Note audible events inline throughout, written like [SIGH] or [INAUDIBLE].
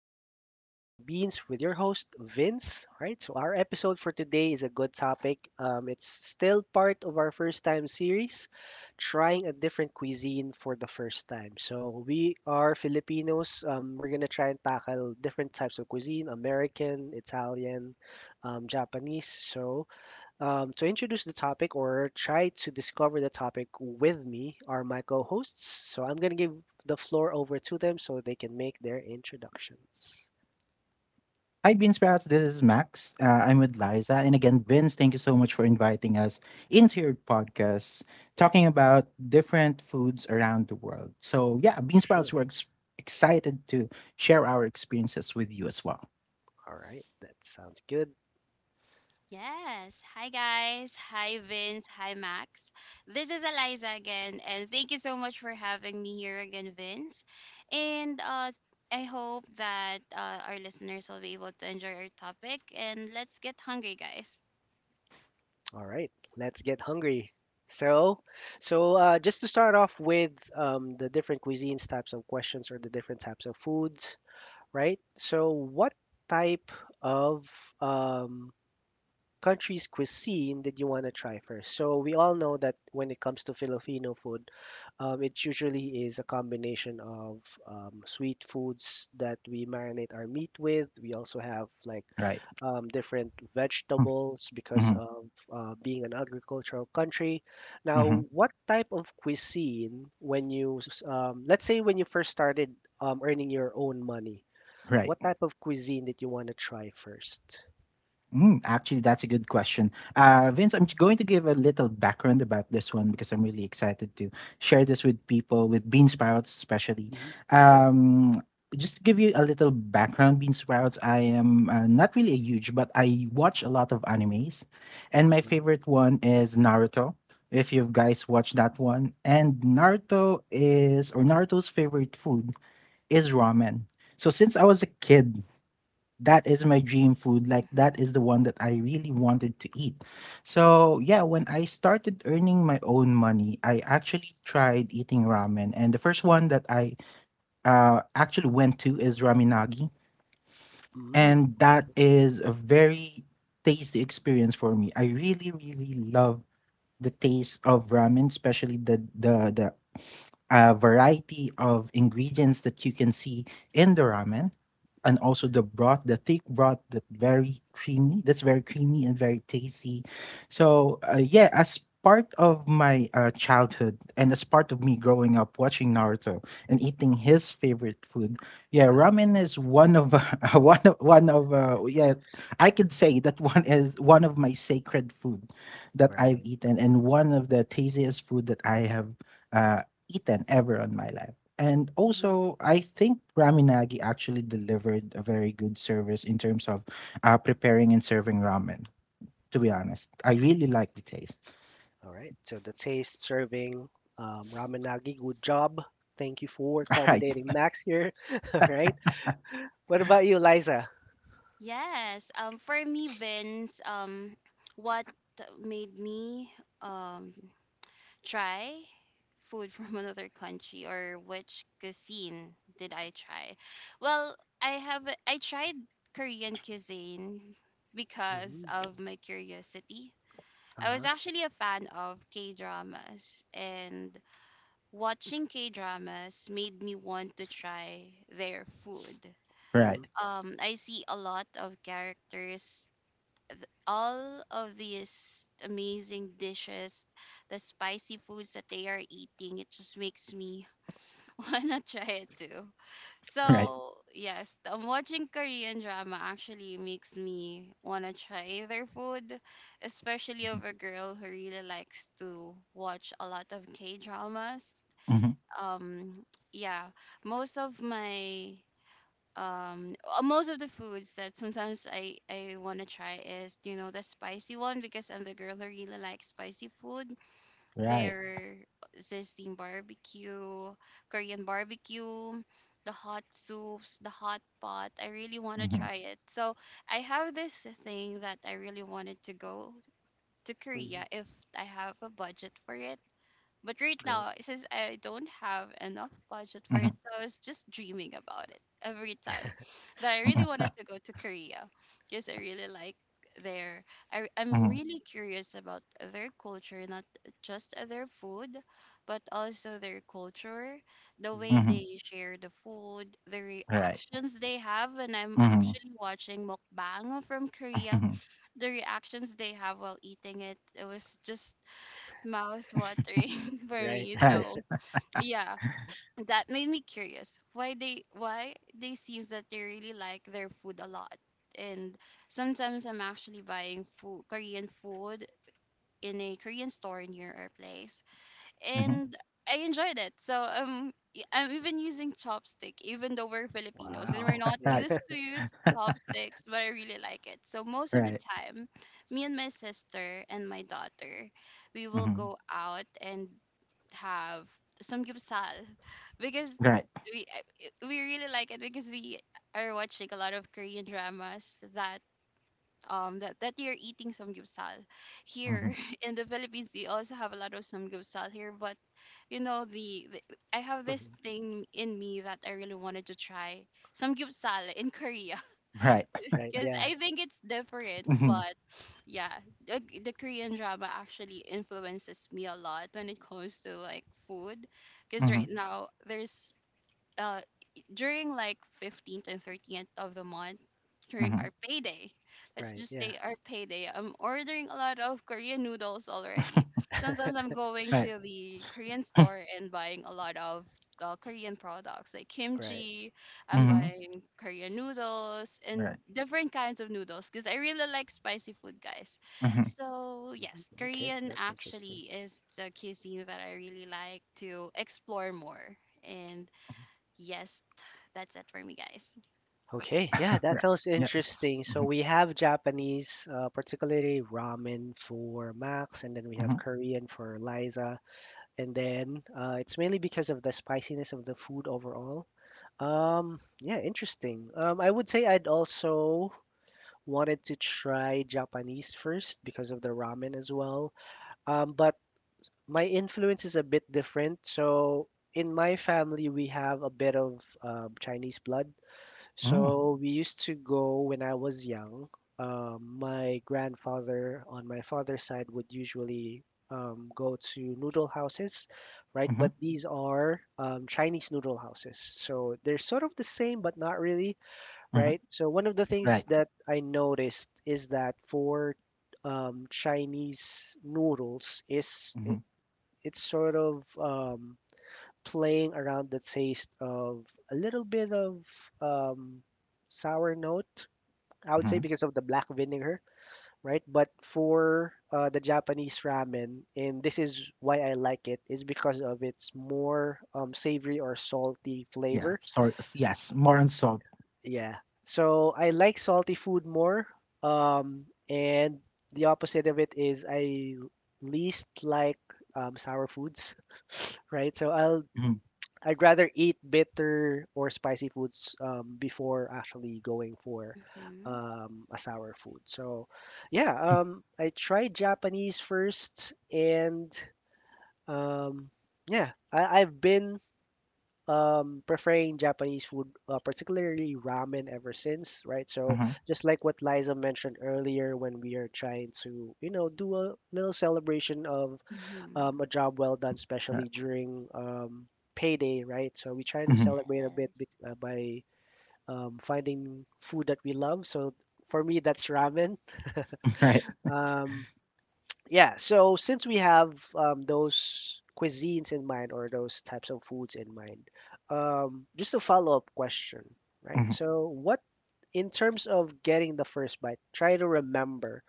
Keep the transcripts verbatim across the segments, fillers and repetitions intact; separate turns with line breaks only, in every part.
All in the Mind with mister Beans, with your host, Vince. All right, so our episode for today is a good topic. Um, it's still part of our first time series, trying a different cuisine for the first time. So, we are Filipinos. Um, we're going to try and tackle different types of cuisine American, Italian, um, Japanese. So, um, to introduce the topic or try to discover the topic with me are my co hosts. So I'm going to give the floor over to them so they can make their introductions.
Hi, Beansprouts. This is Max. Uh, I'm with Liza. And again, Vince, thank you so much for inviting us into your podcast, talking about different foods around the world. So, yeah,
For
Beansprouts,
sure.
we're ex- excited to share our experiences with you as well.
All right, that sounds good.
Yes. Hi, guys. Hi, Vince. Hi, Max. This is Eliza again, and thank you so much for having me here again, Vince. And uh, I hope that uh, our listeners will be able to enjoy our topic. And let's get hungry, guys.
All right, let's get hungry. So, so uh, just to start off with um, the different cuisines, types of questions, or the different types of foods, right? So, what type of um, country's cuisine did you want to try first? So we all know that when it comes to Filipino food, um, it usually is a combination of um, sweet foods that we marinate our meat with. We also have like
Right.
um, different vegetables because
Mm-hmm.
of uh, being an agricultural country. Now,
Hmm.
what type of cuisine when you, s- um, let's say when you first started um, earning your own money,
Right.
what type of cuisine did you want to try first?
Mm, actually, that's a good question. Uh, Vince, I'm going to give a little background about this one because I'm really excited to share this with people, with bean sprouts especially.
Hmm. Sure.
Um, just to give you a little background, bean sprouts, I am uh, not really a huge, but I watch a lot of animes, and my favorite one is Naruto. If you guys watch that one, and Naruto is or Naruto's favorite food is ramen. So since I was a kid, that is my dream food, like that is
Mm-hmm.
the one that i really wanted to eat. So, yeah, when i started earning my own money, i actually tried eating ramen, and the first one that i uh, actually went to is raminagi
Mm.
and that is a very tasty experience for me. I really really love the taste of ramen, especially the the the a variety of ingredients that you can see in the ramen, and also the broth, the thick broth, that very creamy that's very creamy and very tasty. So, uh, yeah, as part of my uh, childhood, and as part of me growing up watching naruto and eating his favorite food, yeah,
uh,
ramen is one of [LAUGHS] uh, one of one of uh, yeah I could say that one is one of my sacred food that I've
right.
eaten, and one of the tastiest food that I have uh, eaten ever on my life. And
Mm-hmm.
also, I think Ramen Nagi actually delivered a very good service in terms of uh, preparing and serving ramen. To be honest, I really like the taste.
All right. So the taste serving um, ramen nagi. Good job. Thank you for
[LAUGHS] Right.
accommodating Max here. [LAUGHS] All right. What
Yeah.
about you, Liza?
Yes. Um. For me, Vince. Um. What made me um try food [LAUGHS] from another country, or which cuisine did I try? Well, I have I tried Korean cuisine because
Mm-hmm.
of my curiosity. I was
Uh-huh.
actually a fan of K-dramas, and watching K-dramas made me want to try their food.
Mm-hmm.
Right.
Um I see a lot of characters, all of these amazing dishes, the spicy foods that they are eating, it just makes me [LAUGHS] wanna try it too.
Right.
Right.
So yes, um, watching Korean drama actually makes me wanna try their food, especially of a girl who really likes to watch a lot of K dramas.
Mm-hmm.
Um, yeah, most of my um uh, most of the foods that sometimes I I want to try is, you know, the spicy one, because I'm the girl who really likes spicy food.
Right.
Their zesting barbecue, Korean barbecue, the hot soups, the hot pot. I really want to
Mm-hmm.
try it. So I have this thing that I really wanted to go to
Mm-hmm.
Korea if I have a budget for it, but right
Right.
now, since I don't have enough budget for
Mm-hmm.
it, so I was just dreaming about it every time that I really
Mm-hmm.
wanted to go to Korea because I really like their. I, I'm
Mm-hmm.
really curious about their culture, not just their food, but also their culture, the way
Mm-hmm.
Mm-hmm,
they share the food, the
right,
reactions they have. And I'm
mm-hmm.
actually watching mukbang from Korea.
Mm-hmm.
The reactions they have while eating it, it was just mouth watering [LAUGHS] for
Right.
me.
[LAUGHS]
Right,
So yeah, that made me curious why they why they seems that they really like their food a lot. And sometimes I'm actually buying food Korean food in a Korean store near our place,
mm-hmm.
and I enjoyed it. So um. y- I'm even using chopstick, even though we're Filipinos and we're
Wow.
not
Yeah.
Right,
used to use chopsticks, but I really like it. So most of the
right,
time, me and my sister and my daughter, we will
mm-hmm.
go out and have some samgyeopsal [LAUGHS] because
Right,
we I- we really like it because we are watching a lot of Korean dramas that um that, that you're eating samgyeopsal
mm-hmm.
here [LAUGHS] in the Philippines. We also have a lot of samgyeopsal here, but you know the, the I have this
Mhm.
thing in me that I really wanted to try samgyeopsal in Korea
Right,
[LAUGHS] Right.
because
Yeah.
I think it's different.
mm-hmm.
But yeah, the, the Korean drama actually influences me a lot when it comes to like food. Because
Mm-hmm.
right now there's uh during like fifteenth and thirteenth of the month, during
Mm-hmm.
our payday, let's
Right.
just
Yeah.
say our payday, I'm ordering a lot of Korean noodles already.
[LAUGHS]
Sometimes I'm going
Right,
to the Korean store and buying a lot of the Korean products like
Right.
kimchi. I'm
mm-hmm.
buying Korean noodles and
Right,
different kinds of noodles because I really like spicy food, guys.
mm-hmm.
So yes,
Okay.
Korean
That's interesting.
actually is the cuisine that I really like to explore more. And yes, that's it for me, guys.
Okay. Yeah.
[LAUGHS]
That
Right,
sounds
yeah.
interesting. So
Mhm,
we have Japanese, uh, particularly ramen for Max, and then we have
mhm.
Korean for Liza, and then uh, it's mainly because of the spiciness of the food overall. Um, yeah, interesting. Um, I would say I'd also wanted to try Japanese first because of the ramen as well. Um, but my influence is a bit different. So in my family, we have a bit of um, Chinese blood.
Mm,
So we used to go when I was young. Um, my grandfather on my father's side would usually um, go to noodle houses, right?
mhm,
But these are um, Chinese noodle houses. So they're sort of the same, but not really,
mhm,
right? So one of the things
right,
that I noticed is that for um, Chinese noodles is
mhm,
it, it's sort of um, playing around the taste of a little bit of um, sour note, I would say,
mhm,
because of the black vinegar, right? But for uh, the Japanese ramen, and this is why I like it, is because of its more um, savory or salty
yeah.
flavor.
Sorry, yes, more on salt.
Yeah. So I like salty food more. Um, and the opposite of it is I least like um, sour foods, [LAUGHS] right? So I'll
Mhm,
I'd rather eat bitter or spicy foods um, before actually going for
Mm-hmm.
um, a sour food. So,
mm,
yeah, um, I tried Japanese first, and um, yeah, I, I've been um, preferring Japanese food, uh, particularly ramen, ever since, right? So,
mhm,
just like what Liza mentioned earlier, when we are trying to, you know, do a little celebration of
Mm-hmm.
um, a job well done, especially
right,
during um, payday, right? So we try to
mhm. [LAUGHS]
celebrate a bit
Yes.
be- uh, by um, finding food that we love. So for me, that's ramen.
Right,
Um, yeah, so since we have um, those cuisines in mind or those types of foods in mind, um, just a follow-up question, right?
mhm,
So what, in terms of getting the first bite, try to remember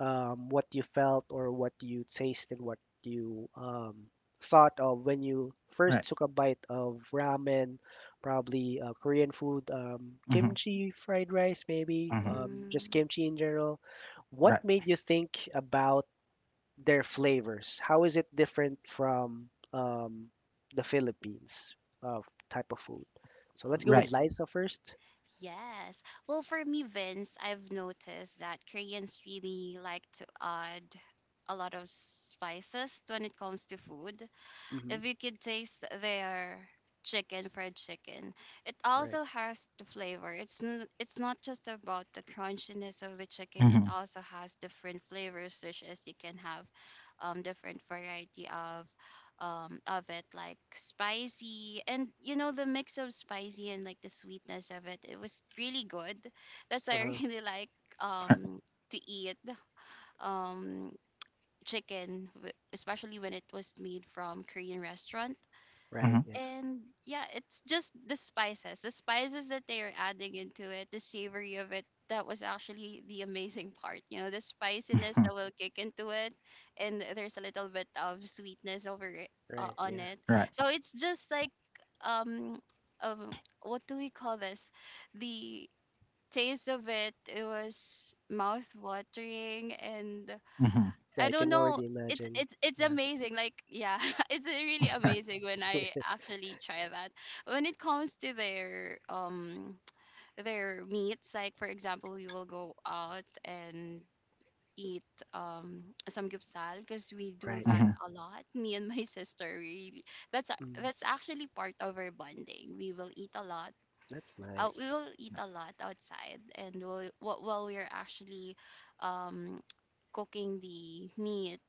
um, what you felt or what you tasted, what you um, thought of when you first
right,
took a bite of ramen, probably uh, Korean food, um,
mhm,
kimchi, fried rice, maybe,
mhm,
um, just
Mm-hmm.
kimchi in general. What
right,
made you think about their flavors? How is it different from um, the Philippines of type of food? So let's go with
right,
Okay.
Liza first.
Yes. Well, for me, Vince, I've noticed that Koreans really like to add a lot of spices when it comes to food.
Mm-hmm.
If you could taste their chicken fried chicken, it
Right.
also has the flavor. It's n- it's not just about the crunchiness of the chicken. It
mhm,
also has different flavors, such as you can have um different variety of um of it, like spicy, and you know the mix of spicy and like the sweetness of it, it was really good. That's why I
Uh-huh.
[LAUGHS] really like um to eat um chicken, w- especially when it was made from Korean restaurant.
Right.
mhm.
Yeah.
And yeah, it's just the spices the spices that they are adding into it, the savory of it, that was actually the amazing part. You know, the
[LAUGHS]
spiciness
Mhm,
that will kick into it, and there's a little bit of sweetness over it, uh,
Right.
on
Yeah.
it.
right,
So it's just like um um what do we call this, the taste of it, it was mouth watering. And
mhm.
Yeah.
I
I
don't
can
know.
already
It's
imagine.
it's it's
Yeah.
amazing. Like, yeah, [LAUGHS] it's really
[LAUGHS]
amazing when I actually try that. When it comes to their um their meats, like for example, we will go out and eat um samgyeopsal because we do
Right,
that
yeah.
Mhm,
a lot. [LAUGHS] Me and my [LAUGHS] sister really. That's a-
Mm,
that's actually part of our bonding. We will eat a lot.
that's
Uh, we
nice.
will eat a lot outside, and we'll, while while we're actually um cooking the meat,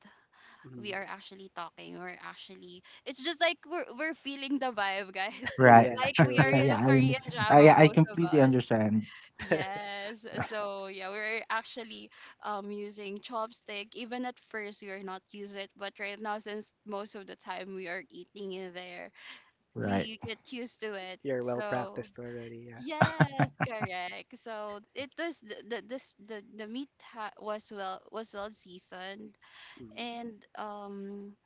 we
Mm.
are actually talking. We're actually it's just like we're we're feeling the vibe, guys. [LAUGHS]
[LAUGHS]
right.
Yeah,
Like we
true.
are
[LAUGHS]
Yeah.
in a
Yeah, I und
Korean drama,
I I
both of
completely
us.
understand,
[LAUGHS]
Yes. So yeah, we're actually um using chopstick. Even at first we are not use it, but right now, since most of the time we are eating in there,
right.
we get used to it.
You're well
So.
practiced already. Yeah.
Yes,
[LAUGHS]
correct. So it was the the this the, the meat ha- was well was well seasoned.
Mm.
And um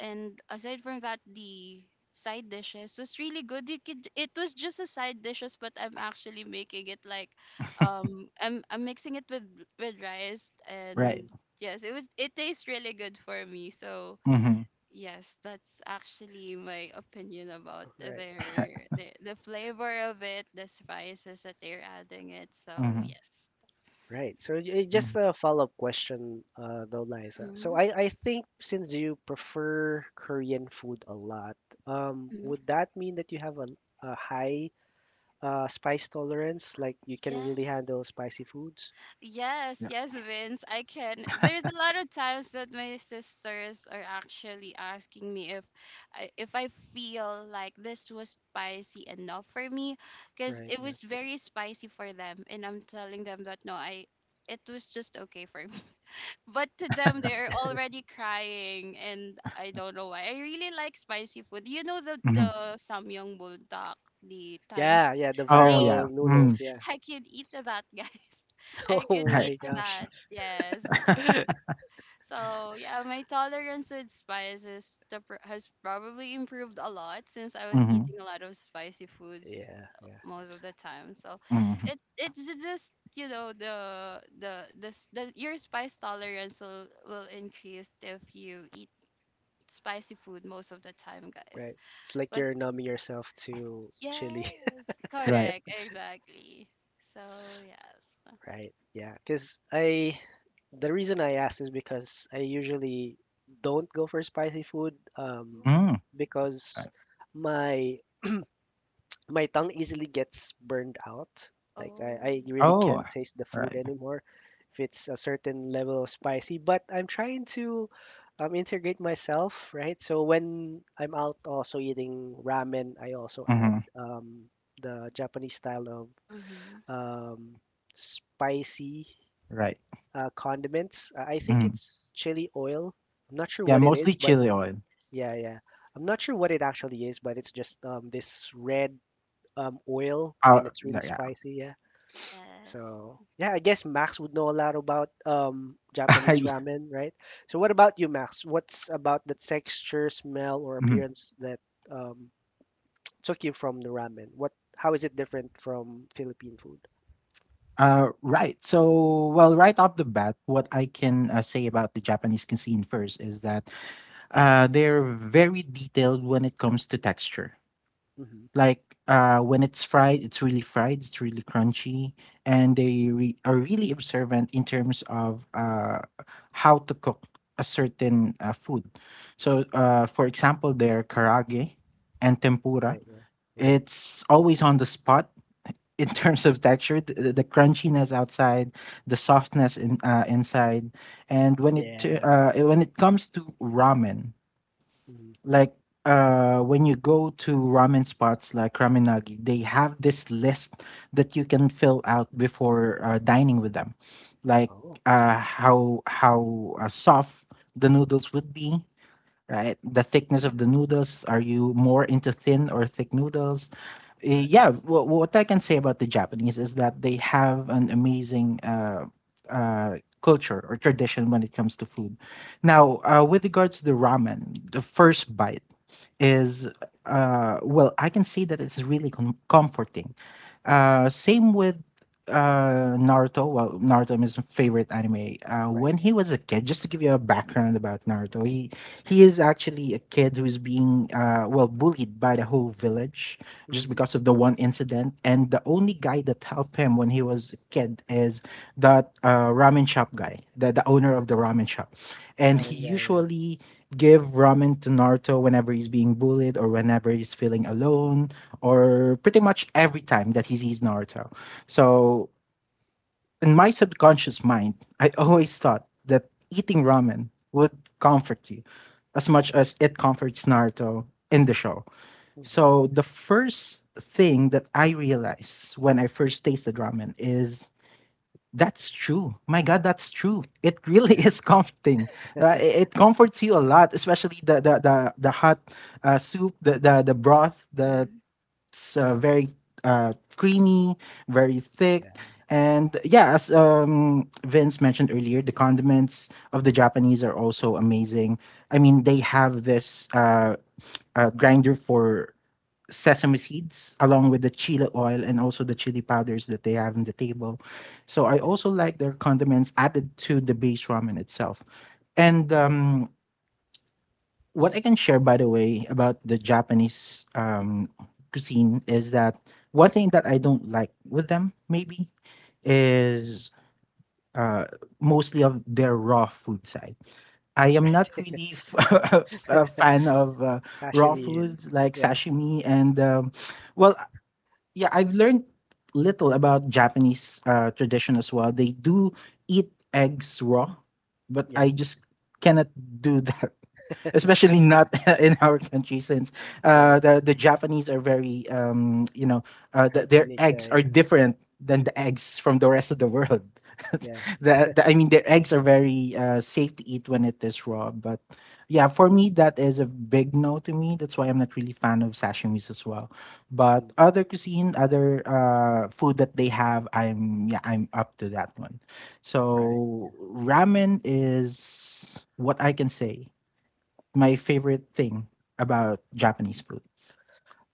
and aside from that, the side dishes was really good. You could It was just a side dishes, but I'm actually making it like um i'm i'm mixing it with with rice.
Right,
Hmm.
And yes, it was it tastes really good for me. So
mhm,
yes, that's actually my opinion about
Right.
their the, the flavor of it, the spices that they're adding it. So
mhm,
yes.
Right. So y-
mhm,
just a follow-up question, uh, though, Liza. So
Mm-hmm.
I, I think since you prefer Korean food a lot, um,
Mm-hmm.
would that mean that you have a, a high uh, spice tolerance? Like you can really handle spicy foods?
Yes,
yeah,
yes, Vince, I can. There's a lot of times that my sisters are actually asking me if I, if I feel like this was spicy enough for me, because
Right.
it
Yeah.
was very spicy for them, and I'm telling them that no, I it was just okay for me. [LAUGHS] But to them, they're
Right.
already crying, and I don't know why. I really like spicy food. You know, the the
mhm,
samyang buldak, the times
Yeah. Yeah. The
oh,
three,
yeah,
viral
mm,
noodles. Yeah. [LAUGHS]
I can eat to that, guys. [LAUGHS] I can
Oh
right.
eat
my
to
gosh.
that. Yes, yes.
[LAUGHS]
[LAUGHS]
So yeah, my tolerance with spices, the pr- has probably improved a lot since I was
Mhm,
eating a lot of spicy foods
Yeah. Yeah.
most of the time. So
mhm,
it it's ju- just, you know, the the the, s- the your spice tolerance will will increase if you eat spicy food most of the time, guys.
Right. It's like
But
you're numbing yourself to chili,
yes,
[LAUGHS]
right,
correct, exactly. So yes.
right? Yeah, because I, the reason I asked is because I usually don't go for spicy food, um,
Oh.
mm,
because
right,
my my tongue easily gets burned out. Like I, I
Oh.
really
oh,
can't taste the food
right,
anymore if it's a certain level of spicy. But I'm trying to um, integrate myself, right? So when I'm out also eating ramen, I also add
mhm.
um, the Japanese style of
Mm-hmm.
um, spicy
Right.
uh, condiments. Uh, I think
Mhm.
it's chili oil. I'm not sure
Yeah,
what it
mostly
is, but
chili
Oh,
oil.
yeah,
yes.
yeah. I'm not sure what it actually is, but it's just um, this red um, oil and
Uh,
it's really
like, yeah.
spicy. Yeah.
Yes.
So yeah, I guess Max would know a lot about um,
[LAUGHS]
Japanese
Yeah.
ramen, right? So what about you, Max? What's about the texture, smell, or
Mhm.
appearance that um, took you from the ramen? What? How is it different from Philippine food?
Uh, right. So, well, right off the bat, what I can uh, say about the Japanese cuisine first is that uh, they're very detailed when it comes to texture.
Hmm.
Like uh, when it's fried, it's really fried, it's really crunchy, and they re- are really observant in terms of uh, how to cook a certain uh, food. So, uh, for example, their karage and tempura.
Right. Yeah. Right.
It's always on the spot [LAUGHS] in terms of texture, the, the crunchiness outside, the softness in, uh, inside, and when it uh,
Yeah.
uh, when it comes to ramen,
Hmm.
like uh, when you go to ramen spots like Ramenagi, they have this list that you can fill out before uh, dining with them, like
Oh, that's
uh,
cool.
how how uh, soft the noodles would be, right? The thickness
Yes.
of the
Mm-hmm.
noodles. Are you more into thin or thick noodles? Uh,
Right.
yeah, wh- what I can say about the Japanese is that they have an amazing uh, uh, culture or tradition when it comes to food. Now, uh, with regards to the ramen, the first bite is, uh, well, I can say that it's really com- comforting. Uh, same with uh Naruto, well, Naruto is my favorite anime. Uh,
Right.
when he
Yeah.
was a kid, just to give you a background about Naruto, he he is actually a kid who is being, uh, well, bullied by the whole village just
Hmm.
because of the one incident. And the only guy that helped him when he was a kid is that uh, ramen shop guy, the, the owner of the ramen shop. And he
Ramen. Yeah. Yeah.
usually give ramen to Naruto whenever he's being bullied or whenever he's feeling alone, or pretty much every time that he sees Naruto. So in my subconscious mind, I always thought that eating ramen would comfort you as much as it comforts Naruto in the show.
Hmm.
So the
Yeah.
first thing that I realized when I first tasted ramen is that's true. My God, that's true. It really [LAUGHS]
Yeah.
is comforting. Uh, it, it comforts you a
Yes.
lot, especially the the the, the hot uh, soup, the, the the broth, the
Mm-hmm.
it's uh, very uh, creamy, very thick.
Yeah.
And yeah, as um, Vince mentioned earlier, the condiments of the Japanese are also amazing. I mean, they have this uh, uh, grinder for sesame seeds, along with the chili oil and also the chili powders that they have on the table. So I
Yeah.
also like their condiments added to the base ramen itself. And um, what I can share, by the way, about the Japanese um, cuisine is that one thing that I don't like with them, maybe, is uh, mostly of their raw food side. I am not really f- [LAUGHS] a fan of uh, raw
Sashimi. Yeah.
Mm-hmm.
foods like
Yeah.
sashimi and, um, well, yeah, I've learned little about Japanese uh, tradition as well. They do eat eggs raw, but
Yeah.
I just cannot do [LAUGHS] that, especially not [LAUGHS] in our country, since
Right.
uh, the the Japanese are very um, you know uh, the, their
Hygienic. Yeah.
eggs are
Yeah.
different than the eggs from the rest of the world. [LAUGHS]
Yeah.
the, the I mean their eggs are very uh, safe to eat when it is raw, but yeah, for me that is a big no to me. That's why I'm not really fan of sashimis as well. But
Mhm.
other cuisine, other uh, food that they have, I'm yeah I'm up to that one.
Right. Yeah.
So ramen is what I can say. My favorite thing about Japanese food.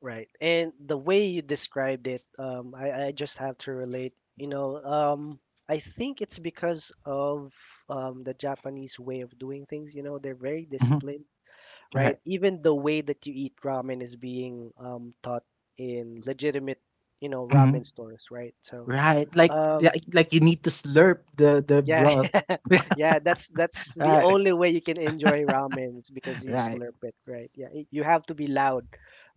Right. And the way you described it, um, I, I just have to relate. You know, um, I think it's because of um, the Japanese way of doing things. You know, they're very
Mhm.
disciplined, right?
Right.
Even the way that you eat ramen is being um, taught in legitimate, you know,
Mhm.
ramen stores, right? So,
Right. Like,
um,
like like you need to slurp the the
yeah,
broth.
Yeah, that's that's
[LAUGHS]
the
Right.
only way you can enjoy ramen. It's because you
Right.
slurp it, right? Yeah, y- you have to be loud,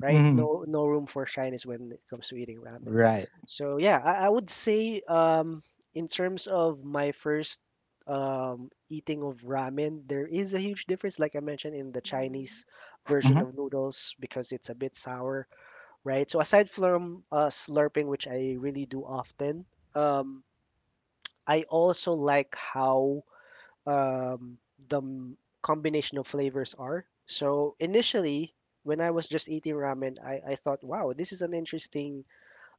right?
Hmm.
No, no room for shyness when it comes to eating ramen.
Right.
So yeah, I, I would say um, in terms of my first um, eating of ramen, there is a huge difference, like I mentioned in the
Mm-hmm.
Chinese version
Hmm.
of noodles because it's a bit sour, right? So aside from uh, slurping, which I really do often, um, I also like how um, the m- combination of flavors are. So initially, when I was just eating ramen, I, I thought, wow, this is an interesting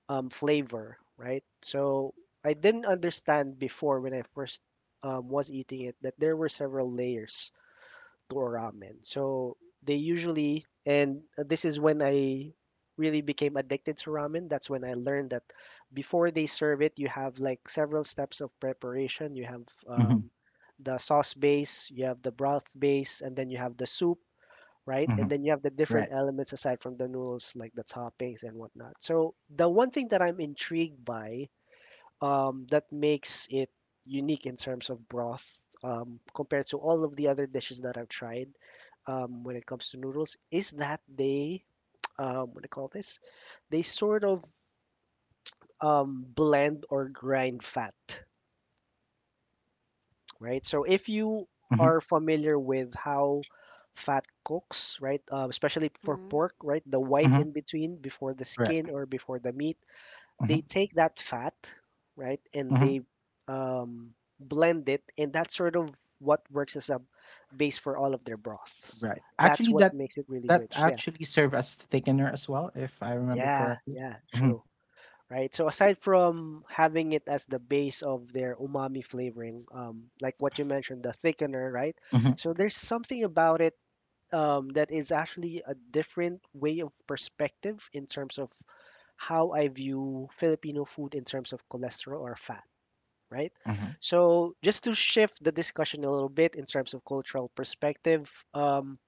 um, flavor, right? So I didn't understand before when I first um, was eating it that there were several layers or ramen. So they usually, and uh, this is when I really became addicted to ramen. That's when I learned that before they serve it, you have like several steps of preparation. You have
Hmm.
um, the sauce base, you have the broth base, and then you have the soup, right?
Hmm.
And then you have the different
Right.
elements aside from the noodles, like the toppings and whatnot. So the one thing that I'm intrigued by um, that makes it unique in terms of broth um, compared to all of the other dishes that I've tried um, when it comes to noodles is that they, um, what do you call this? They sort of um, blend or grind fat, right? So if you
Oh,
Hmm.
are familiar with how fat cooks, right, uh, especially for
mm-hmm,
pork, right, the white
Hmm.
in between before the skin
Right.
or before the meat
Hmm.
they take that fat, right, and
Hmm.
they um, blend it, and that's sort of what works as a base for all of their broths.
Right.
That's
Actually,
what
that
makes it really
that
rich. Yeah,
actually serve as thickener as well, if I remember
yeah,
correctly.
yeah,
Hmm.
true. Right. So aside from having it as the base of their umami flavoring, um, like what you mentioned, the thickener, right?
Hmm.
So there's something about it um, that is actually a different way of perspective in terms of how I view Filipino food in terms of cholesterol or fat. Right?
Hmm.
So, just to shift the discussion a little bit in terms of cultural perspective, um,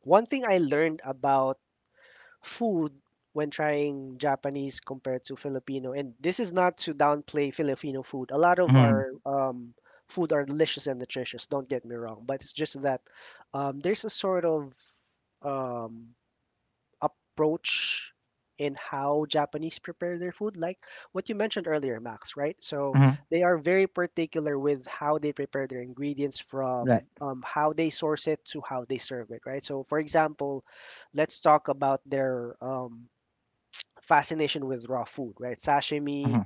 one thing I learned about food when trying Japanese compared to Filipino, and this is not to downplay Filipino food. A lot of
Hmm.
our um, food are delicious and nutritious, don't get me wrong, but it's just that um, there's a sort of um, approach in how Japanese prepare their food, like what you mentioned earlier, Max, right? So
Hmm.
they are very particular with how they prepare their ingredients
Right.
from um, how they source it to how they serve it, right? So, for example, let's talk about their um, fascination with raw food, right? Sashimi
Hmm.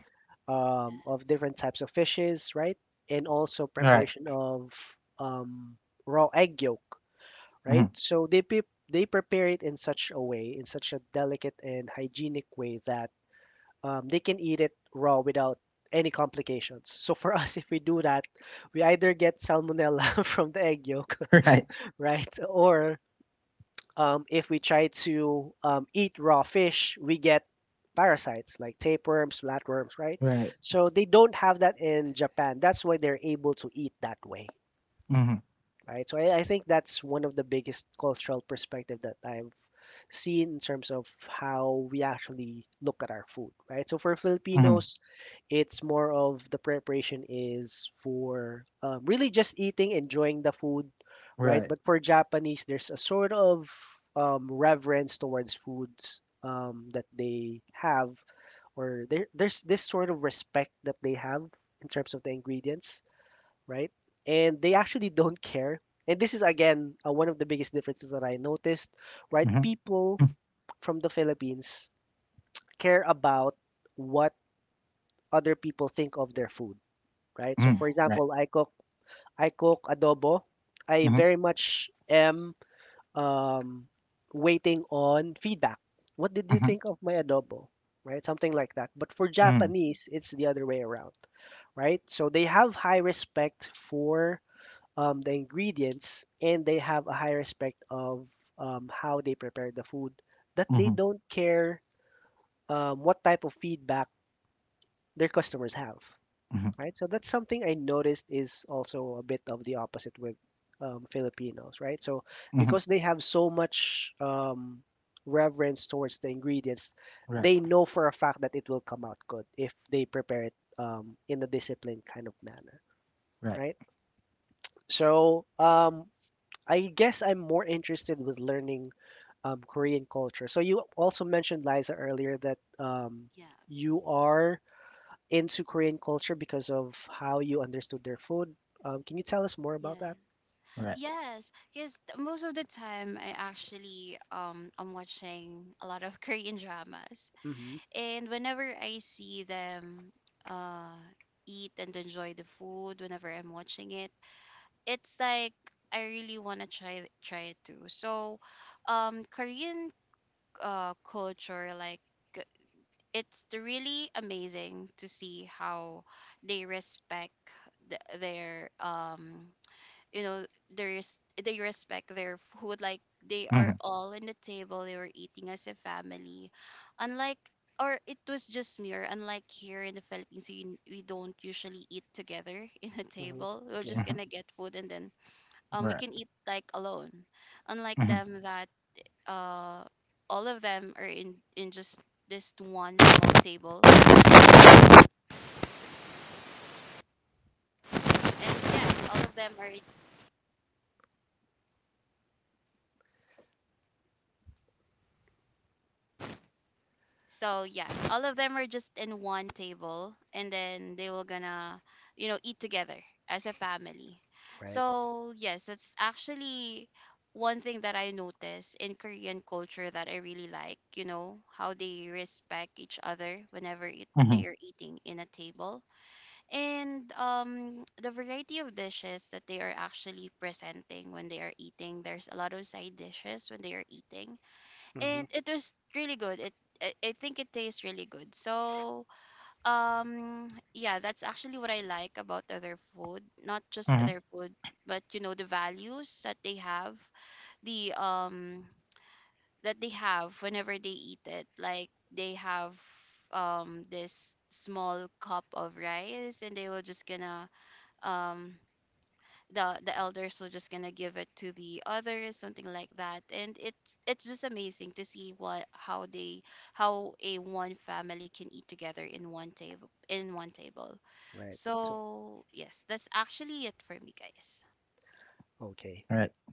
um, of
yes.
different types of fishes, right? And also
Right.
preparation of um, raw egg yolk,
Hmm.
right? So they pre- they prepare it in such a way, in such a delicate and hygienic way that um, they can eat it raw without any complications. So for [LAUGHS] us, if we do that, we either get salmonella [LAUGHS] from the egg yolk,
[LAUGHS] Right.
[LAUGHS] right? Or um, if we try to um, eat raw fish, we get parasites like tapeworms, flatworms, right?
Right.
So they don't have that in
Okay.
Japan. That's why they're able to eat that way,
Hmm.
right? So I, I think that's one of the biggest cultural perspective that I've seen in terms of how we actually look at our food, right? So for
Hmm.
Filipinos, it's more of the preparation is for um, really just eating, enjoying the food, right?
Right.
But for Japanese, there's a sort of um, reverence towards foods um, that they have, or there, there's this sort of respect that they have in terms of the ingredients, right? And they actually don't care. And this is again uh, one of the biggest differences that I noticed, right?
Hmm.
People from the Philippines care about what other people think of their food, right? So
Mm,
for
Yeah.
right.
example, I cook I cook adobo. I
Mhm,
very much am um, waiting on feedback. What did you
mhm,
think of my adobo? Right? Something like that. But for
mm,
Japanese, it's the other way around, right? So they have high respect for um, the ingredients and they have a high respect of um, how they prepare the food that they
mhm,
don't care um, what type of feedback their customers have,
mhm,
right? So that's something I noticed is also a bit of the opposite with um, Filipinos, right? So
mhm,
because they have so much um, reverence towards the ingredients
right,
they know for a fact that it will come out good if they prepare it um, in a disciplined kind of manner,
right,
right? So
Yeah.
um, I guess I'm more interested with learning um, Korean culture. So you also mentioned, Liza, earlier that um,
Yeah.
you are into Korean culture because of how you understood their food. Um, can you tell us more
Yes.
about that?
right.
Yes, because most of the time I actually um I'm watching a lot of [LAUGHS] Korean dramas,
Mm-hmm.
and whenever I see them uh eat and enjoy the food, whenever I'm watching it, it's like I really want to try it- try it too. So, um, Korean uh culture. like g- it's really amazing to see how they respect the, their um you know there is they respect their food. Like, they are
Mhm,
all in the table, they were eating as a family, unlike, or it was just me, or unlike here in the Philippines, we, we don't usually eat together [LAUGHS] in a
Mm-hmm.
table, we're
Yeah.
just
mhm,
gonna get food and then um we
right.
can eat like alone, unlike
Mhm,
them that uh all of them are in in just this one small table.
mhm,
Yeah. And yes, all of them are. So yes, all of them are just in one table, and then they will gonna you know eat together as a family.
Right.
So yes, that's actually one thing that I notice in Korean culture, that I really like you know how they respect each other whenever it,
mhm,
they are eating in a table. And um, the variety of dishes that they are actually presenting when they are eating, there's a lot of side dishes when they are eating,
Mm-hmm.
and it was really good. It I I think it tastes really good. So, um, yeah, that's actually what I like about other food. Not just
mhm,
other food, but you know the values that they have, the um that they have whenever they eat it. Like they have um this small cup of rice, and they will just gonna um the the elders were just gonna give it to the others, something like that. And it's it's just amazing to see what how they how a one family can eat together in one table in one table.
Right. So,
So yes, that's actually it for me, guys.
okay.
right.